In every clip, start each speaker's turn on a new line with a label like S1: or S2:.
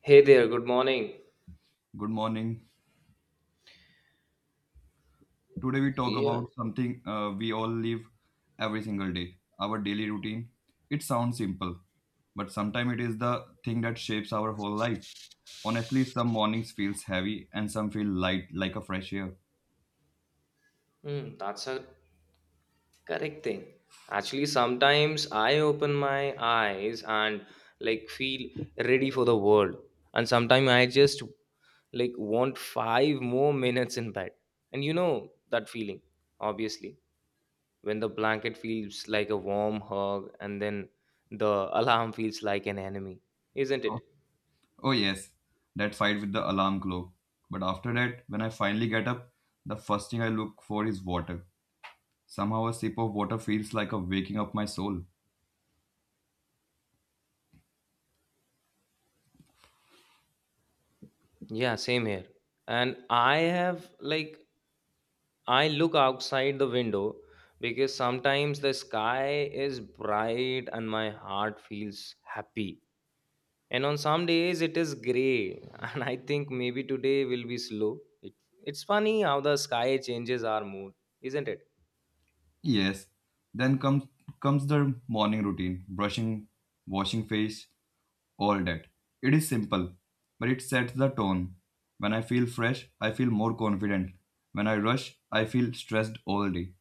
S1: Hey there, good morning.
S2: Good morning. Today we talk
S1: Yeah,
S2: about something we all live every single day, our daily routine. It sounds simple, but sometimes it is the thing that shapes our whole life. Honestly, some mornings feels heavy and some feel light like a fresh air.
S1: mm, that's a correct thing. Actually, sometimes I open my eyes and like feel ready for the world, and sometimes I just like want five more minutes in bed. And you know that feeling, obviously, when the blanket feels like a warm hug and then the alarm feels like an enemy, isn't
S2: Oh,
S1: it?
S2: oh yes, that fight with the alarm clock. But after that, when I finally get up, the first thing I look for is water. Somehow a sip of water feels like a waking up my soul.
S1: Yeah, same here. And I have like, I look outside the window because sometimes the sky is bright and my heart feels happy. And on some days it is gray and I think maybe today will be slow. It's funny how the sky changes our mood, isn't it?
S2: Yes. Then comes the morning routine, brushing, washing face, all that. It is simple, but it sets the tone. When I feel fresh, I feel more confident. When I rush, I feel stressed all day.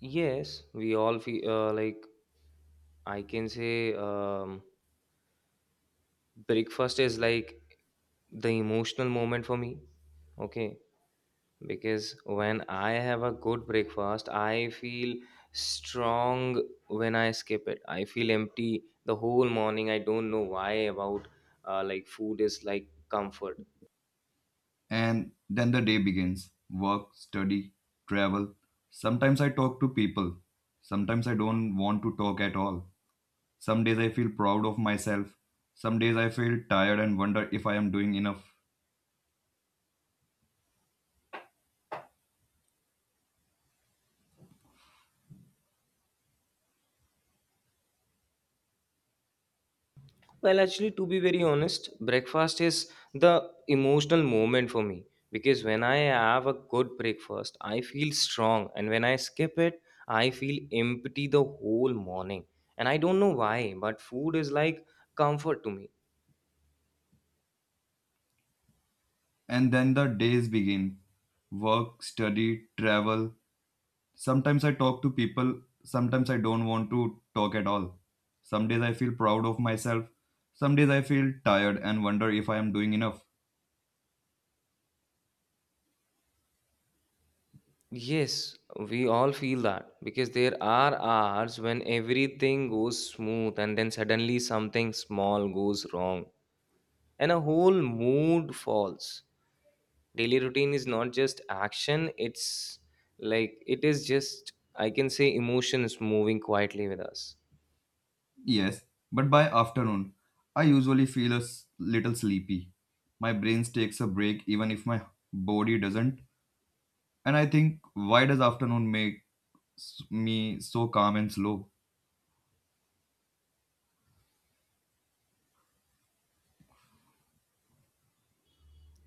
S1: Yes, we all feel like I can say breakfast is like the emotional moment for me. Okay, because when I have a good breakfast, I feel strong when I skip it. I feel empty the whole morning. I don't know why about like food is like comfort.
S2: And then the day begins. Work, study, travel. Sometimes I talk to people. Sometimes I don't want to talk at all. Some days I feel proud of myself. Some days I feel tired and wonder if I am doing enough.
S1: Well, actually, to be very honest, breakfast is the emotional moment for me because when I have a good breakfast, I feel strong, and when I skip it, I feel empty the whole morning. And I don't know why, but food is like comfort to me.
S2: And then the days begin work, study, travel. Sometimes I talk to people, sometimes I don't want to talk at all. Some days I feel proud of myself, some days I feel tired and wonder if I am doing enough.
S1: Yes, we all feel that because there are hours when everything goes smooth and then suddenly something small goes wrong and a whole mood falls. Daily routine is not just action, it's like it is just, I can say, emotions moving quietly with us.
S2: Yes, but by afternoon, I usually feel a little sleepy. My brain takes a break even if my body doesn't. And I think, why does afternoon make me so calm and slow?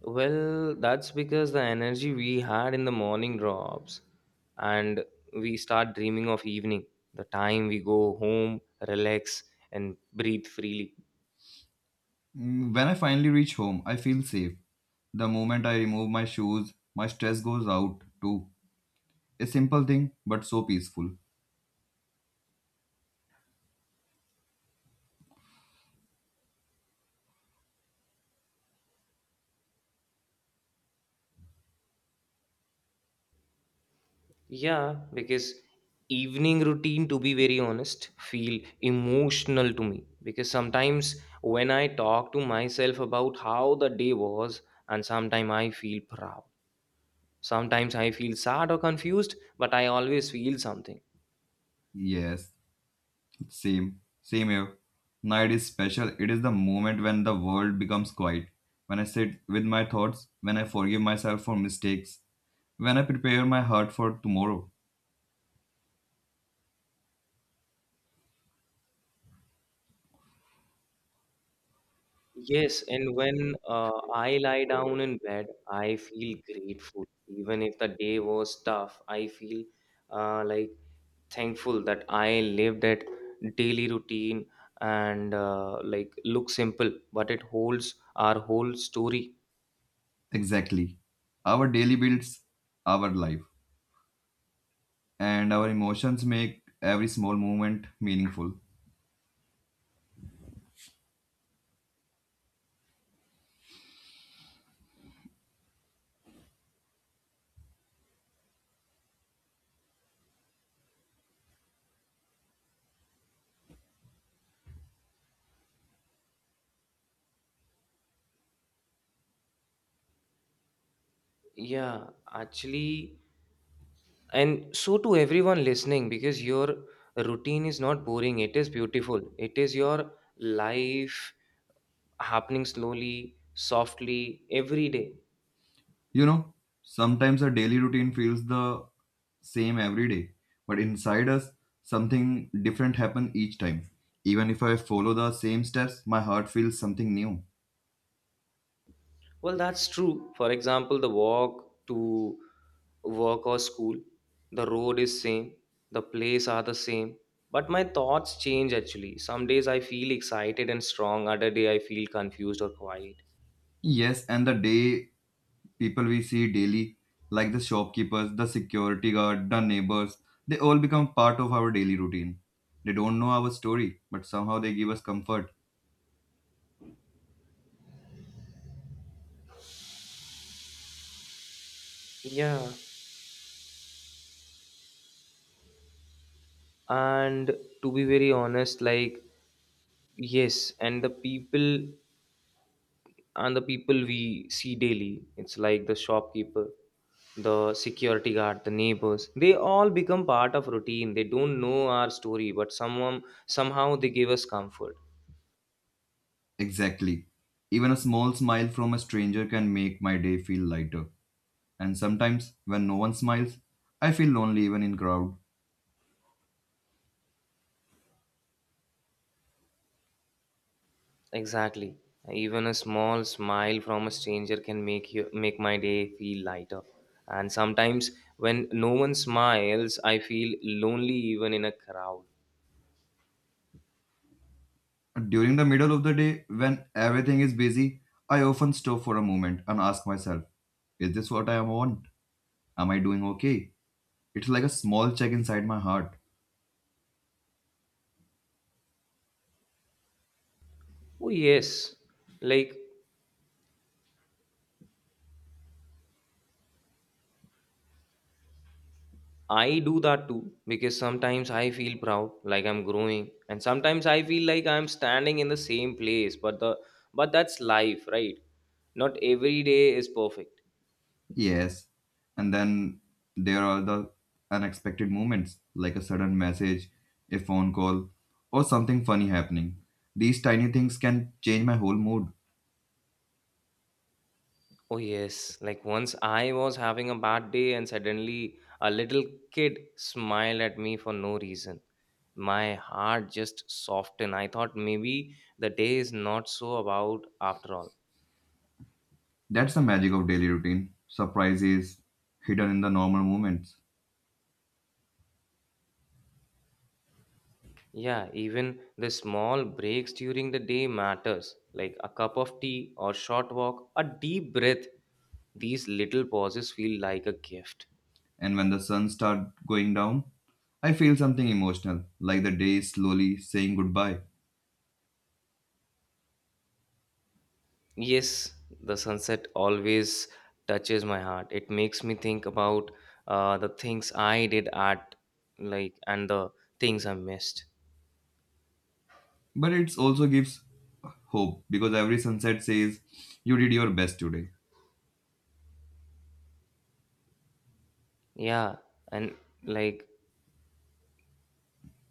S1: Well, that's because the energy we had in the morning drops and we start dreaming of evening, the time we go home, relax, and breathe freely.
S2: Mm, when I finally reach home, I feel safe. The moment I remove my shoes, my stress goes out too. A simple thing, but so peaceful.
S1: Yeah, because evening routine, to be very honest, feel emotional to me. Because sometimes when I talk to myself about how the day was, and sometimes I feel proud. Sometimes I feel sad or confused, but I always feel something.
S2: Yes, same here. Night is special. It is the moment when the world becomes quiet. When I sit with my thoughts, when I forgive myself for mistakes, when I prepare my heart for tomorrow.
S1: Yes, and when I lie down in bed, I feel grateful. Even if the day was tough, I feel like thankful that I live that daily routine and like look simple, but it holds our whole story.
S2: Exactly. Our daily builds our life, and our emotions make every small moment meaningful.
S1: Yeah, actually, and so to everyone listening, because your routine is not boring, it is beautiful. It is your life happening slowly, softly, every day.
S2: You know, sometimes our daily routine feels the same every day, but inside us, something different happens each time. Even if I follow the same steps, my heart feels something new.
S1: Well, that's true. For example, the walk to work or school, the road is same, the place are the same, but my thoughts change actually. Some days I feel excited and strong, other day I feel confused or quiet.
S2: Yes, and the day people we see daily, like the shopkeepers, the security guard, the neighbors, they all become part of our daily routine. They don't know our story, but somehow they give us comfort.
S1: Yeah. And to be very honest, like yes, and the people we see daily it's like the shopkeeper, the security guard, the neighbors, they all become part of routine. They don't know our story but someone somehow they give us comfort.
S2: Exactly. Even a small smile from a stranger can make my day feel lighter. And sometimes, when no one smiles, I feel lonely even in crowd.
S1: Exactly, even a small smile from a stranger can make my day feel lighter. And sometimes when no one smiles I feel lonely even in a crowd.
S2: During the middle of the day, when everything is busy, I often stop for a moment and ask myself, is this what I want? Am I doing okay? It's like a small check inside my heart.
S1: Oh yes, like I do that too because sometimes I feel proud like I'm growing and sometimes I feel like I'm standing in the same place but the but that's life, right? Not every day is perfect.
S2: Yes. And then there are the unexpected moments, like a sudden message, a phone call, or something funny happening. These tiny things can change my whole mood.
S1: Oh yes, like once I was having a bad day and suddenly a little kid smiled at me for no reason. My heart just softened. I thought maybe the day is not so about after all.
S2: That's the magic of daily routine. Surprises hidden in the normal moments.
S1: Yeah, even the small breaks during the day matters, like a cup of tea or short walk, a deep breath. These little pauses feel like a gift.
S2: And when the sun starts going down, I feel something emotional, like the day is slowly saying goodbye.
S1: Yes, the sunset always touches my heart. It makes me think about the things I did at like and the things I missed.
S2: But it also gives hope because every sunset says you did your best today.
S1: Yeah, and like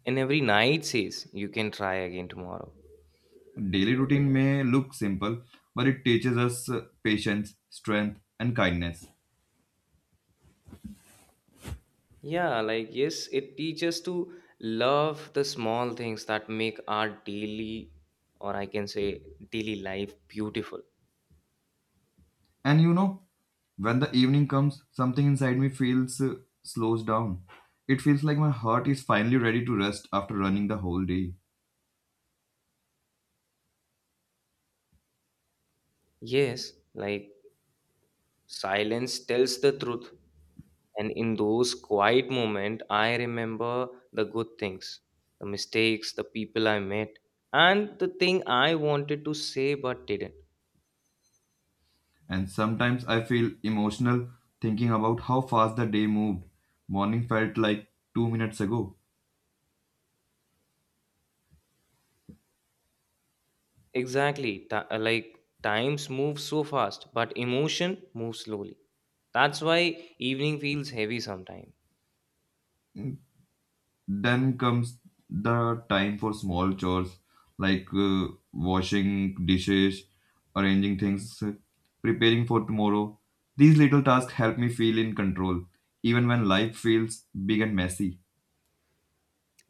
S1: in every night says you can try again tomorrow.
S2: Daily routine may look simple, but it teaches us patience, strength, and kindness.
S1: Yeah, like yes, it teaches to love the small things that make our daily, or I can say daily life beautiful.
S2: And you know, when the evening comes, something inside me feels slows down. It feels like my heart is finally ready to rest after running the whole day.
S1: Yes, like silence tells the truth. And in those quiet moments, I remember the good things, the mistakes, the people I met, and the thing I wanted to say but didn't.
S2: And sometimes I feel emotional thinking about how fast the day moved. Morning felt like 2 minutes ago.
S1: Exactly. Like times move so fast, but emotion moves slowly. That's why evening feels heavy sometimes.
S2: Then comes the time for small chores like washing dishes, arranging things, preparing for tomorrow. These little tasks help me feel in control, even when life feels big and messy.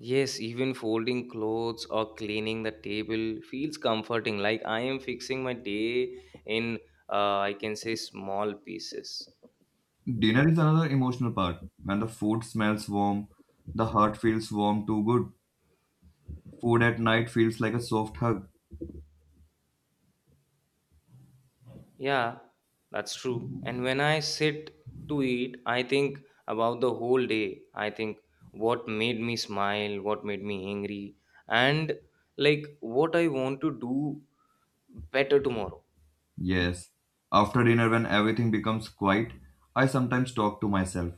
S1: Yes, even folding clothes or cleaning the table feels comforting. Like I am fixing my day in, I can say, small pieces.
S2: Dinner is another emotional part. When the food smells warm, the heart feels warm too good. Food at night feels like a soft hug.
S1: Yeah, that's true. And when I sit to eat, I think about the whole day. I think what made me smile, what made me angry, and like what I want to do better tomorrow.
S2: Yes. After dinner, when everything becomes quiet, I sometimes talk to myself.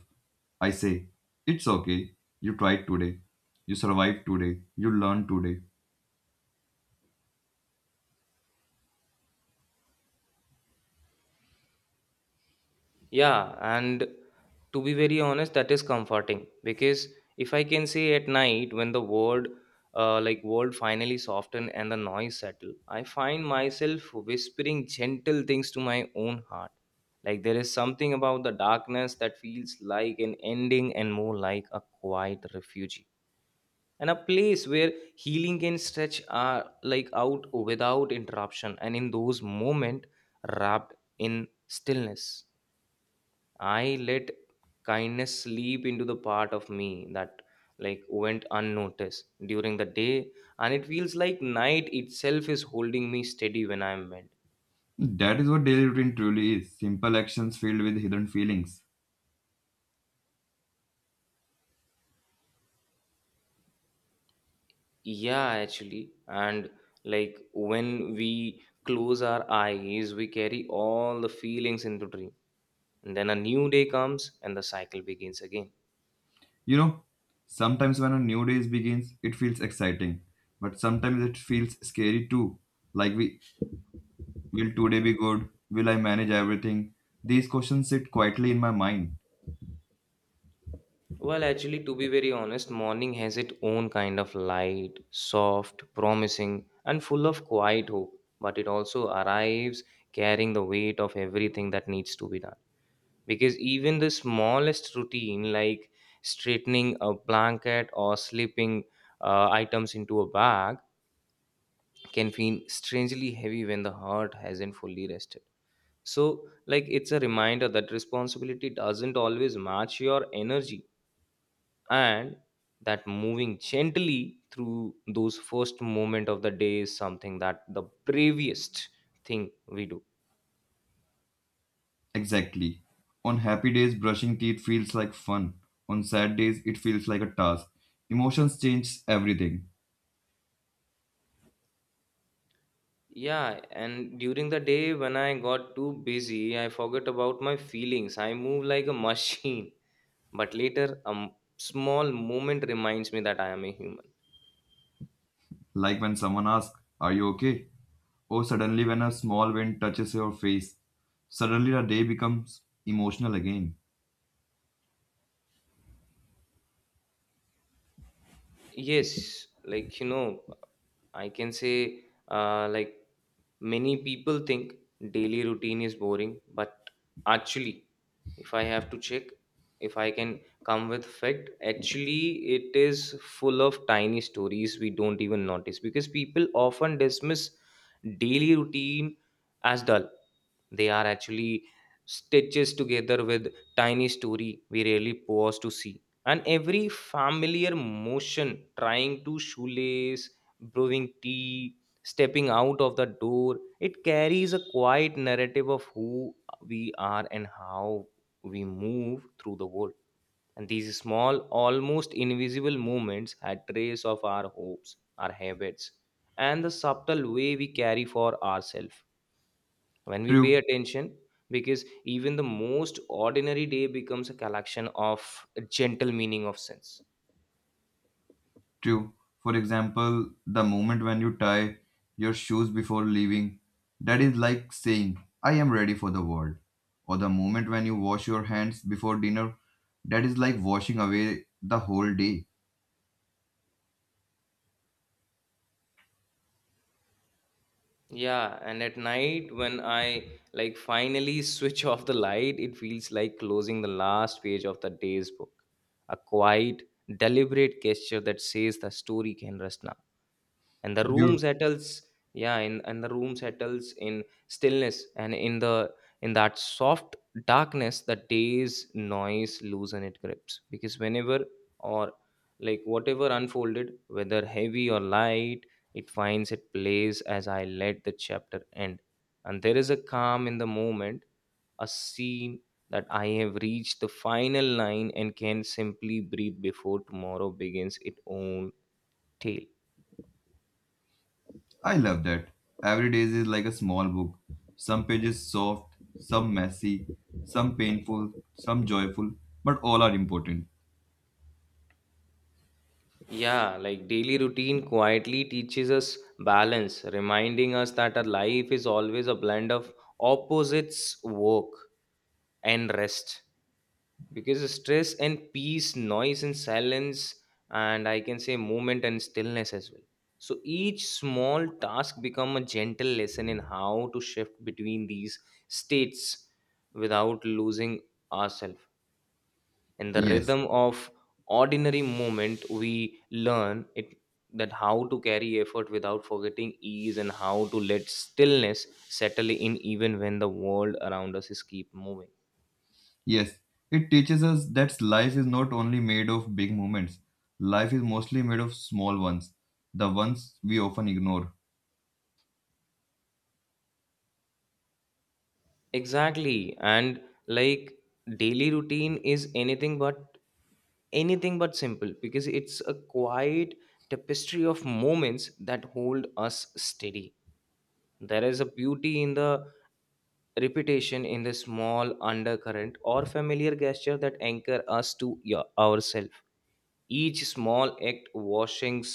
S2: I say, it's okay. You tried today. You survived today. You learned today.
S1: Yeah, and to be very honest, that is comforting because if I can say at night when the world, like world finally soften and the noise settle, I find myself whispering gentle things to my own heart. Like there is something about the darkness that feels like an ending and more like a quiet refuge and a place where healing can stretch like out without interruption, and in those moments wrapped in stillness. I let kindness sleep into the part of me that like went unnoticed during the day, and it feels like night itself is holding me steady when I'm mad.
S2: That is what daily routine truly is simple actions filled with hidden feelings.
S1: Yeah, actually. And like when we close our eyes, we carry all the feelings into dream. And then a new day comes and the cycle begins again.
S2: You know, sometimes when a new day begins, it feels exciting, but sometimes it feels scary too. Like, we, will today be good? Will I manage everything? These questions sit quietly in my mind.
S1: Well, actually, to be very honest, morning has its own kind of light, soft, promising, and full of quiet hope. But it also arrives carrying the weight of everything that needs to be done. Because even the smallest routine, like straightening a blanket or slipping items into a bag, can feel strangely heavy when the heart hasn't fully rested. So, like, it's a reminder that responsibility doesn't always match your energy and that moving gently through those first moment of the day is something that the bravest thing we do.
S2: Exactly. On happy days, brushing teeth feels like fun. On sad days, it feels like a task. Emotions change everything.
S1: Yeah, and during the day when I got too busy I forgot about my feelings. I move like a machine, but later small moment reminds me that I am a human.
S2: Like when someone asks, are you okay? Or suddenly when a small wind touches your face. Suddenly the day becomes emotional again.
S1: Yes, like you know I can say like many people think daily routine is boring but actually if I have to check if I can come with fact actually it is full of tiny stories we don't even notice, because people often dismiss daily routine as dull. They are actually stitches together with tiny story we really pause to see. And every familiar motion, trying to shoelace, brewing tea, stepping out of the door, it carries a quiet narrative of who we are and how we move through the world. And these small, almost invisible movements had trace of our hopes, our habits, and the subtle way we carry for ourselves when we pay
S2: True.
S1: attention, because even the most ordinary day becomes a collection of a gentle meaning of sense.
S2: True. For example, the moment when you tie your shoes before leaving, that is like saying, I am ready for the world. Or the moment when you wash your hands before dinner, that is like washing away the whole day.
S1: Yeah, and at night when I like finally switch off the light it feels like closing the last page of the day's book, a quiet deliberate gesture that says the story can rest now and the room
S2: You,
S1: settles. Yeah, in and the room settles in stillness, and in the in that soft darkness the day's noise loosen its grips, because whenever or like whatever unfolded whether heavy or light, it finds its place as I let the chapter end. And there is a calm in the moment, a scene that I have reached the final line and can simply breathe before tomorrow begins its own tale.
S2: I love that. Every day is like a small book. Some pages soft, some messy, some painful, some joyful, but all are important.
S1: Yeah, like daily routine quietly teaches us balance, reminding us that our life is always a blend of opposites, work and rest. Because stress and peace, noise and silence, and I can say movement and stillness as well. So each small task become a gentle lesson in how to shift between these states without losing ourselves in the
S2: Yes,
S1: rhythm of ordinary moment. We learn it that how to carry effort without forgetting ease, and how to let stillness settle in even when the world around us is keep moving.
S2: yes, it teaches us that life is not only made of big moments. Life is mostly made of small ones, the ones we often ignore.
S1: Exactly, and like daily routine is anything but simple because it's a quiet tapestry of moments that hold us steady. There is a beauty in the repetition, in the small undercurrent or familiar gesture that anchor us to ourselves. Each small act, washing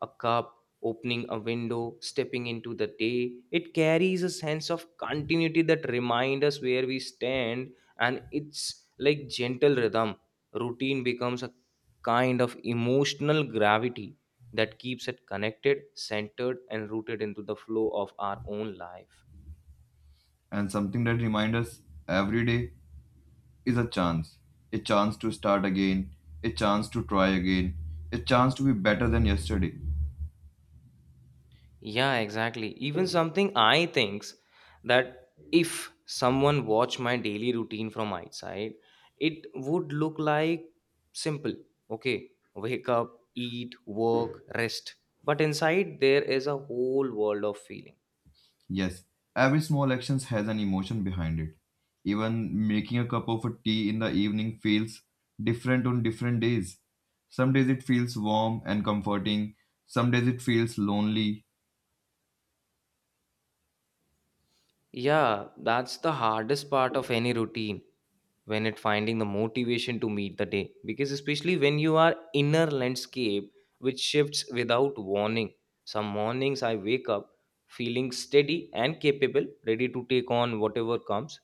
S1: a cup, opening a window, stepping into the day, it carries a sense of continuity that reminds us where we stand, and it's like gentle rhythm. Routine becomes a kind of emotional gravity that keeps it connected, centered, and rooted into the flow of our own life.
S2: And something that reminds us every day is a chance. A chance to start again, a chance to try again, a chance to be better than yesterday.
S1: Yeah, exactly. Even something I thinks that if someone watch my daily routine from outside, it would look like simple. Okay, wake up, eat, work, rest. But inside there is a whole world of feeling.
S2: Yes, every small action has an emotion behind it. Even making a cup of tea in the evening feels different on different days. Some days it feels warm and comforting, some days it feels lonely.
S1: Yeah, that's the hardest part of any routine, when it finding the motivation to meet the day, because especially when you are inner landscape which shifts without warning. Some mornings I wake up feeling steady and capable, ready to take on whatever comes.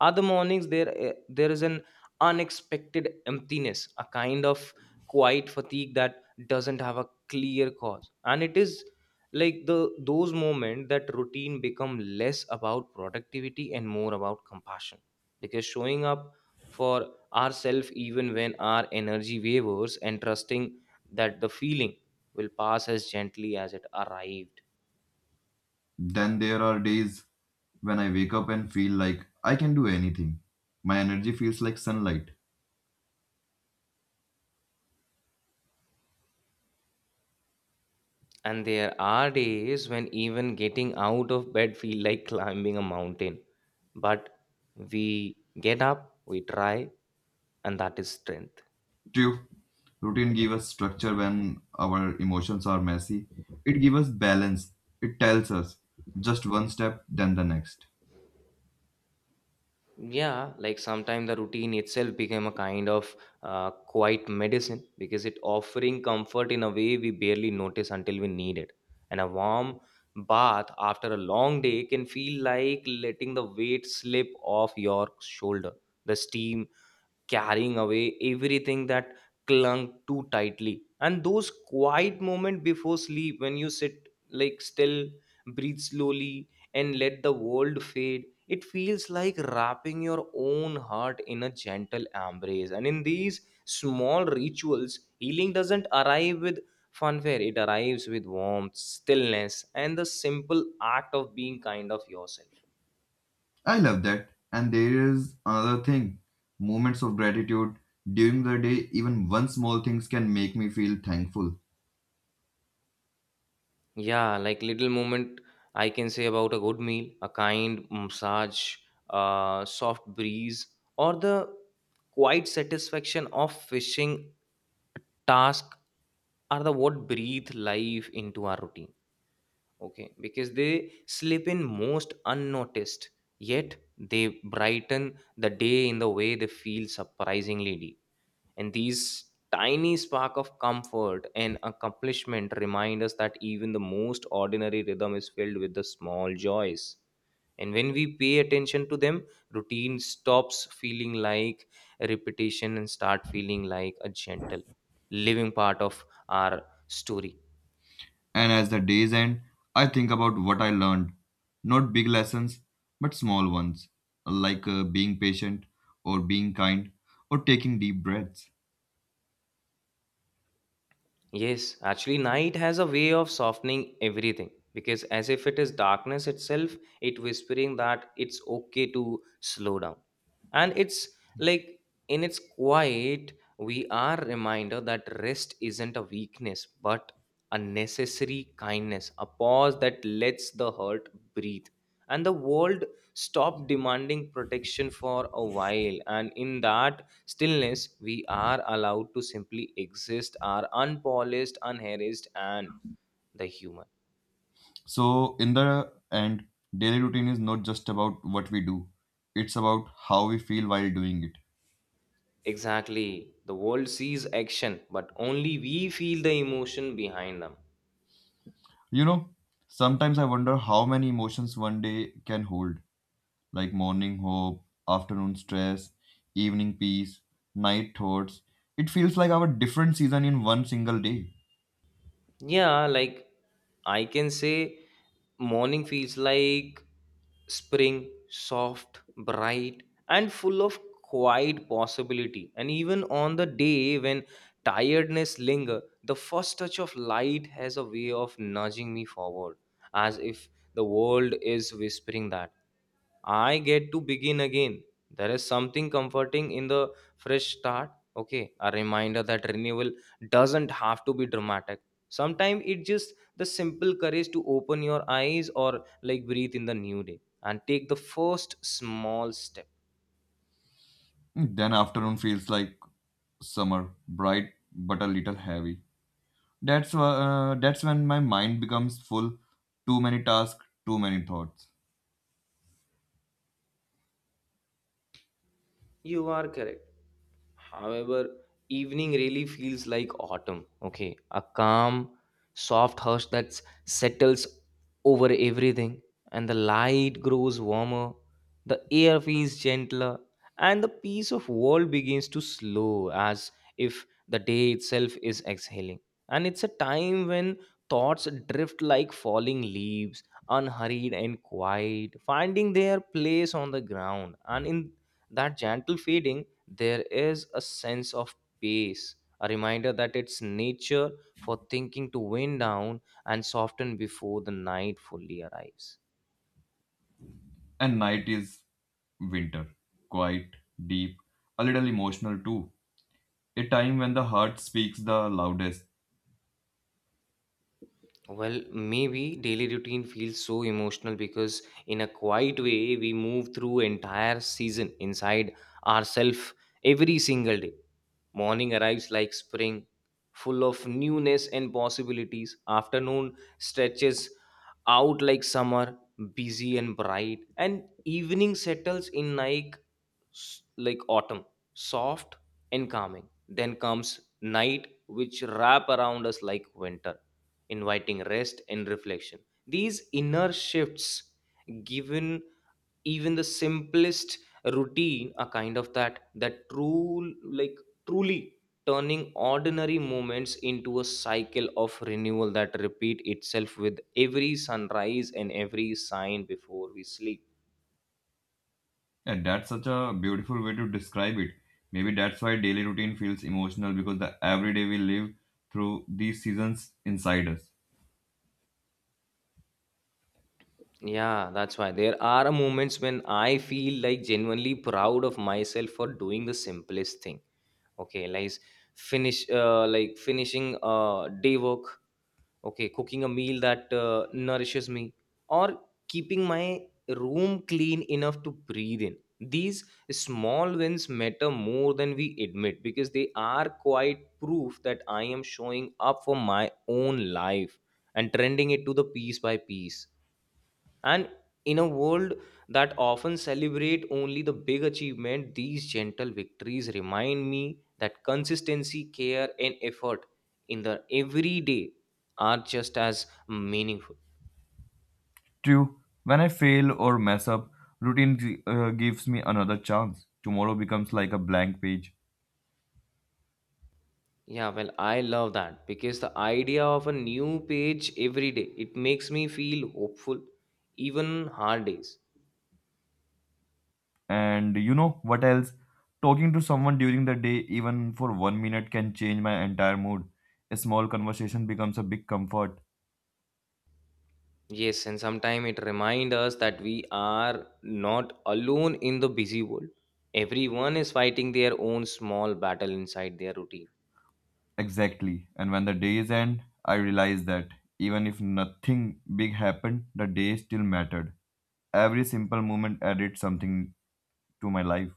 S1: Other mornings there is an unexpected emptiness, a kind of quiet fatigue that doesn't have a clear cause, and it is like the those moments that routine become less about productivity and more about compassion, because showing up for ourselves even when our energy wavers, and trusting that the feeling will pass as gently as it arrived.
S2: Then there are days when I wake up and feel like I can do anything. My energy feels like sunlight.
S1: And there are days when even getting out of bed feel like climbing a mountain, but we get up, we try, and that is strength.
S2: True, routine gives us structure when our emotions are messy. It gives us balance. It tells us just one step, then the next.
S1: Yeah, like sometimes the routine itself became a kind of quiet medicine because it offering comfort in a way we barely notice until we need it. And a warm bath after a long day can feel like letting the weight slip off your shoulder. The steam carrying away everything that clung too tightly. And those quiet moments before sleep, when you sit like still, breathe slowly, and let the world fade, it feels like wrapping your own heart in a gentle embrace. And in these small rituals, healing doesn't arrive with fanfare, it arrives with warmth, stillness, and the simple act of being kind of yourself.
S2: I love that. And there is another thing moments of gratitude. During the day, even one small things can make me feel thankful.
S1: Yeah, like little moment I can say about a good meal, a kind massage, a soft breeze, or the quiet satisfaction of fishing task are the what breathe life into our routine. Okay, because they slip in most unnoticed, yet they brighten the day in the way they feel surprisingly deep. And these tiny spark of comfort and accomplishment remind us that even the most ordinary rhythm is filled with the small joys. And when we pay attention to them, routine stops feeling like a repetition and start feeling like a gentle living part of our story.
S2: And as the days end, I think about what I learned. Not big lessons, but small ones, like being patient, or being kind, or taking deep breaths.
S1: Yes, actually, night has a way of softening everything because, as if it is darkness itself, it whispering that it's okay to slow down. And it's like in its quiet, we are reminder that rest isn't a weakness but a necessary kindness, a pause that lets the heart breathe. And the world stop demanding protection for a while, and in that stillness we are allowed to simply exist, are unpolished, unharassed, and the human.
S2: So, in the end, daily routine is not just about what we do, it's about how we feel while doing it.
S1: Exactly, the world sees action but only we feel the emotion behind them.
S2: You know, sometimes I wonder how many emotions one day can hold like morning hope, afternoon stress, evening peace, night thoughts. It feels like our different season in one single day.
S1: Yeah, like I can say morning feels like spring, soft, bright, and full of quiet possibility. And even on the day when tiredness linger, the first touch of light has a way of nudging me forward, as if the world is whispering that I get to begin again. There is something comforting in the fresh start. Okay, a reminder that renewal doesn't have to be dramatic, sometimes it's just the simple courage to open your eyes or like breathe in the new day and take the first small step.
S2: Then afternoon feels like summer, bright but a little heavy. That's when my mind becomes full, too many tasks, too many thoughts.
S1: You are correct. However, evening really feels like autumn. Okay, a calm, soft hush that settles over everything, and the light grows warmer, the air feels gentler, and the peace of world begins to slow as if the day itself is exhaling. And it's a time when thoughts drift like falling leaves, unhurried and quiet, finding their place on the ground. And in that gentle fading, there is a sense of pace, a reminder that it's nature for thinking to wind down and soften before the night fully arrives.
S2: And night is winter, quiet, deep, a little emotional too. A time when the heart speaks the loudest.
S1: Well, maybe daily routine feels so emotional because, in a quiet way, we move through entire season inside ourselves every single day. Morning arrives like spring, full of newness and possibilities. Afternoon stretches out like summer, busy and bright. And evening settles in like, like autumn, soft and calming. Then comes night, which wrap around us like winter, inviting rest and reflection. These inner shifts given even the simplest routine a kind of that true like truly turning ordinary moments into a cycle of renewal that repeat itself with every sunrise and every sign before we sleep.
S2: Yeah, that's such a beautiful way to describe it. Maybe that's why daily routine feels emotional because the everyday we live through these seasons inside us.
S1: Yeah, that's why there are moments when I feel like genuinely proud of myself for doing the simplest thing. Okay, like finishing day work. Okay, cooking a meal that nourishes me, or keeping my room clean enough to breathe in. These small wins matter more than we admit because they are quite proof that I am showing up for my own life and trending it to the piece by piece. And in a world that often celebrate only the big achievement, these gentle victories remind me that consistency, care, and effort in the everyday are just as meaningful.
S2: True. When I fail or mess up, routine gives me another chance. Tomorrow becomes like a blank page.
S1: Yeah, well, I love that because the idea of a new page every day, it makes me feel hopeful, even hard days.
S2: And you know what else? Talking to someone during the day, even for 1 minute, can change my entire mood. A small conversation becomes a big comfort.
S1: Yes, and sometimes it reminds us that we are not alone in the busy world. Everyone is fighting their own small battle inside their routine.
S2: Exactly. And when the days end, I realized that even if nothing big happened, the day still mattered. Every simple moment added something to my life.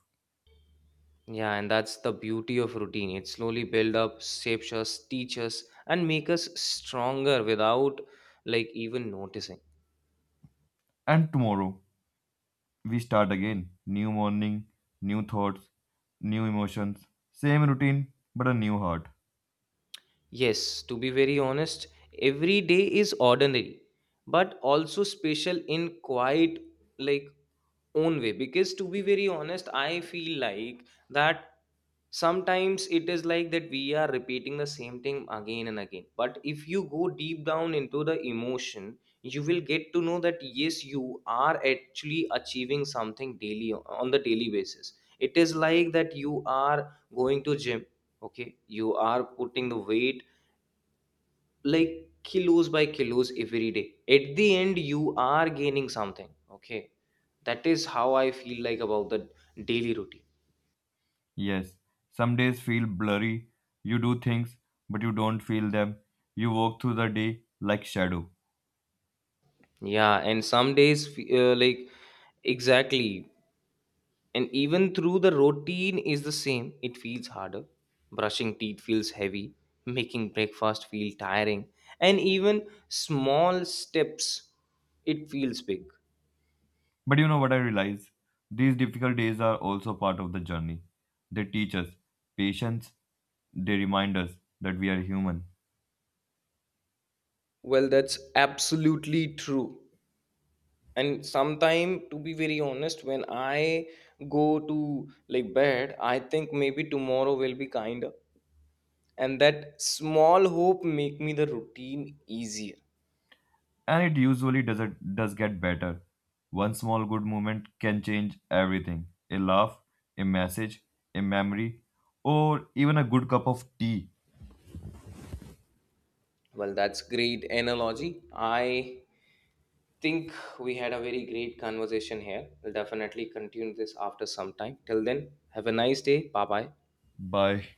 S1: Yeah, and that's the beauty of routine. It slowly build up, shapes us, teaches us, and make us stronger without like even noticing.
S2: And tomorrow, we start again. New morning, new thoughts, new emotions. Same routine, but a new heart.
S1: Yes, to be very honest, every day is ordinary, but also special in quite like own way. Because to be very honest, I feel like that sometimes it is like that we are repeating the same thing again and again. But if you go deep down into the emotion, you will get to know that yes, you are actually achieving something daily on the daily basis. It is like that you are going to gym. Okay, you are putting the weight like kilos by kilos every day, at the end you are gaining something. Okay, that is how I feel like about the daily routine.
S2: Yes, some days feel blurry. You do things, but you don't feel them. You walk through the day like shadow.
S1: Yeah, and some days exactly, and even through the routine is the same, it feels harder. Brushing teeth feels heavy, making breakfast feel tiring, and even small steps, it feels big.
S2: But you know what I realize? These difficult days are also part of the journey. They teach us patience, they remind us that we are human.
S1: Well, that's absolutely true, and sometime to be very honest, when I go to like bed, I think maybe tomorrow will be kinder, and that small hope make me the routine easier.
S2: And it usually does, it, does get better. One small good moment can change everything a laugh, a message, a memory, or even a good cup of tea.
S1: Well, that's great analogy. I think we had a very great conversation here. We'll definitely continue this after some time. Till then, have a nice day. Bye bye.
S2: Bye.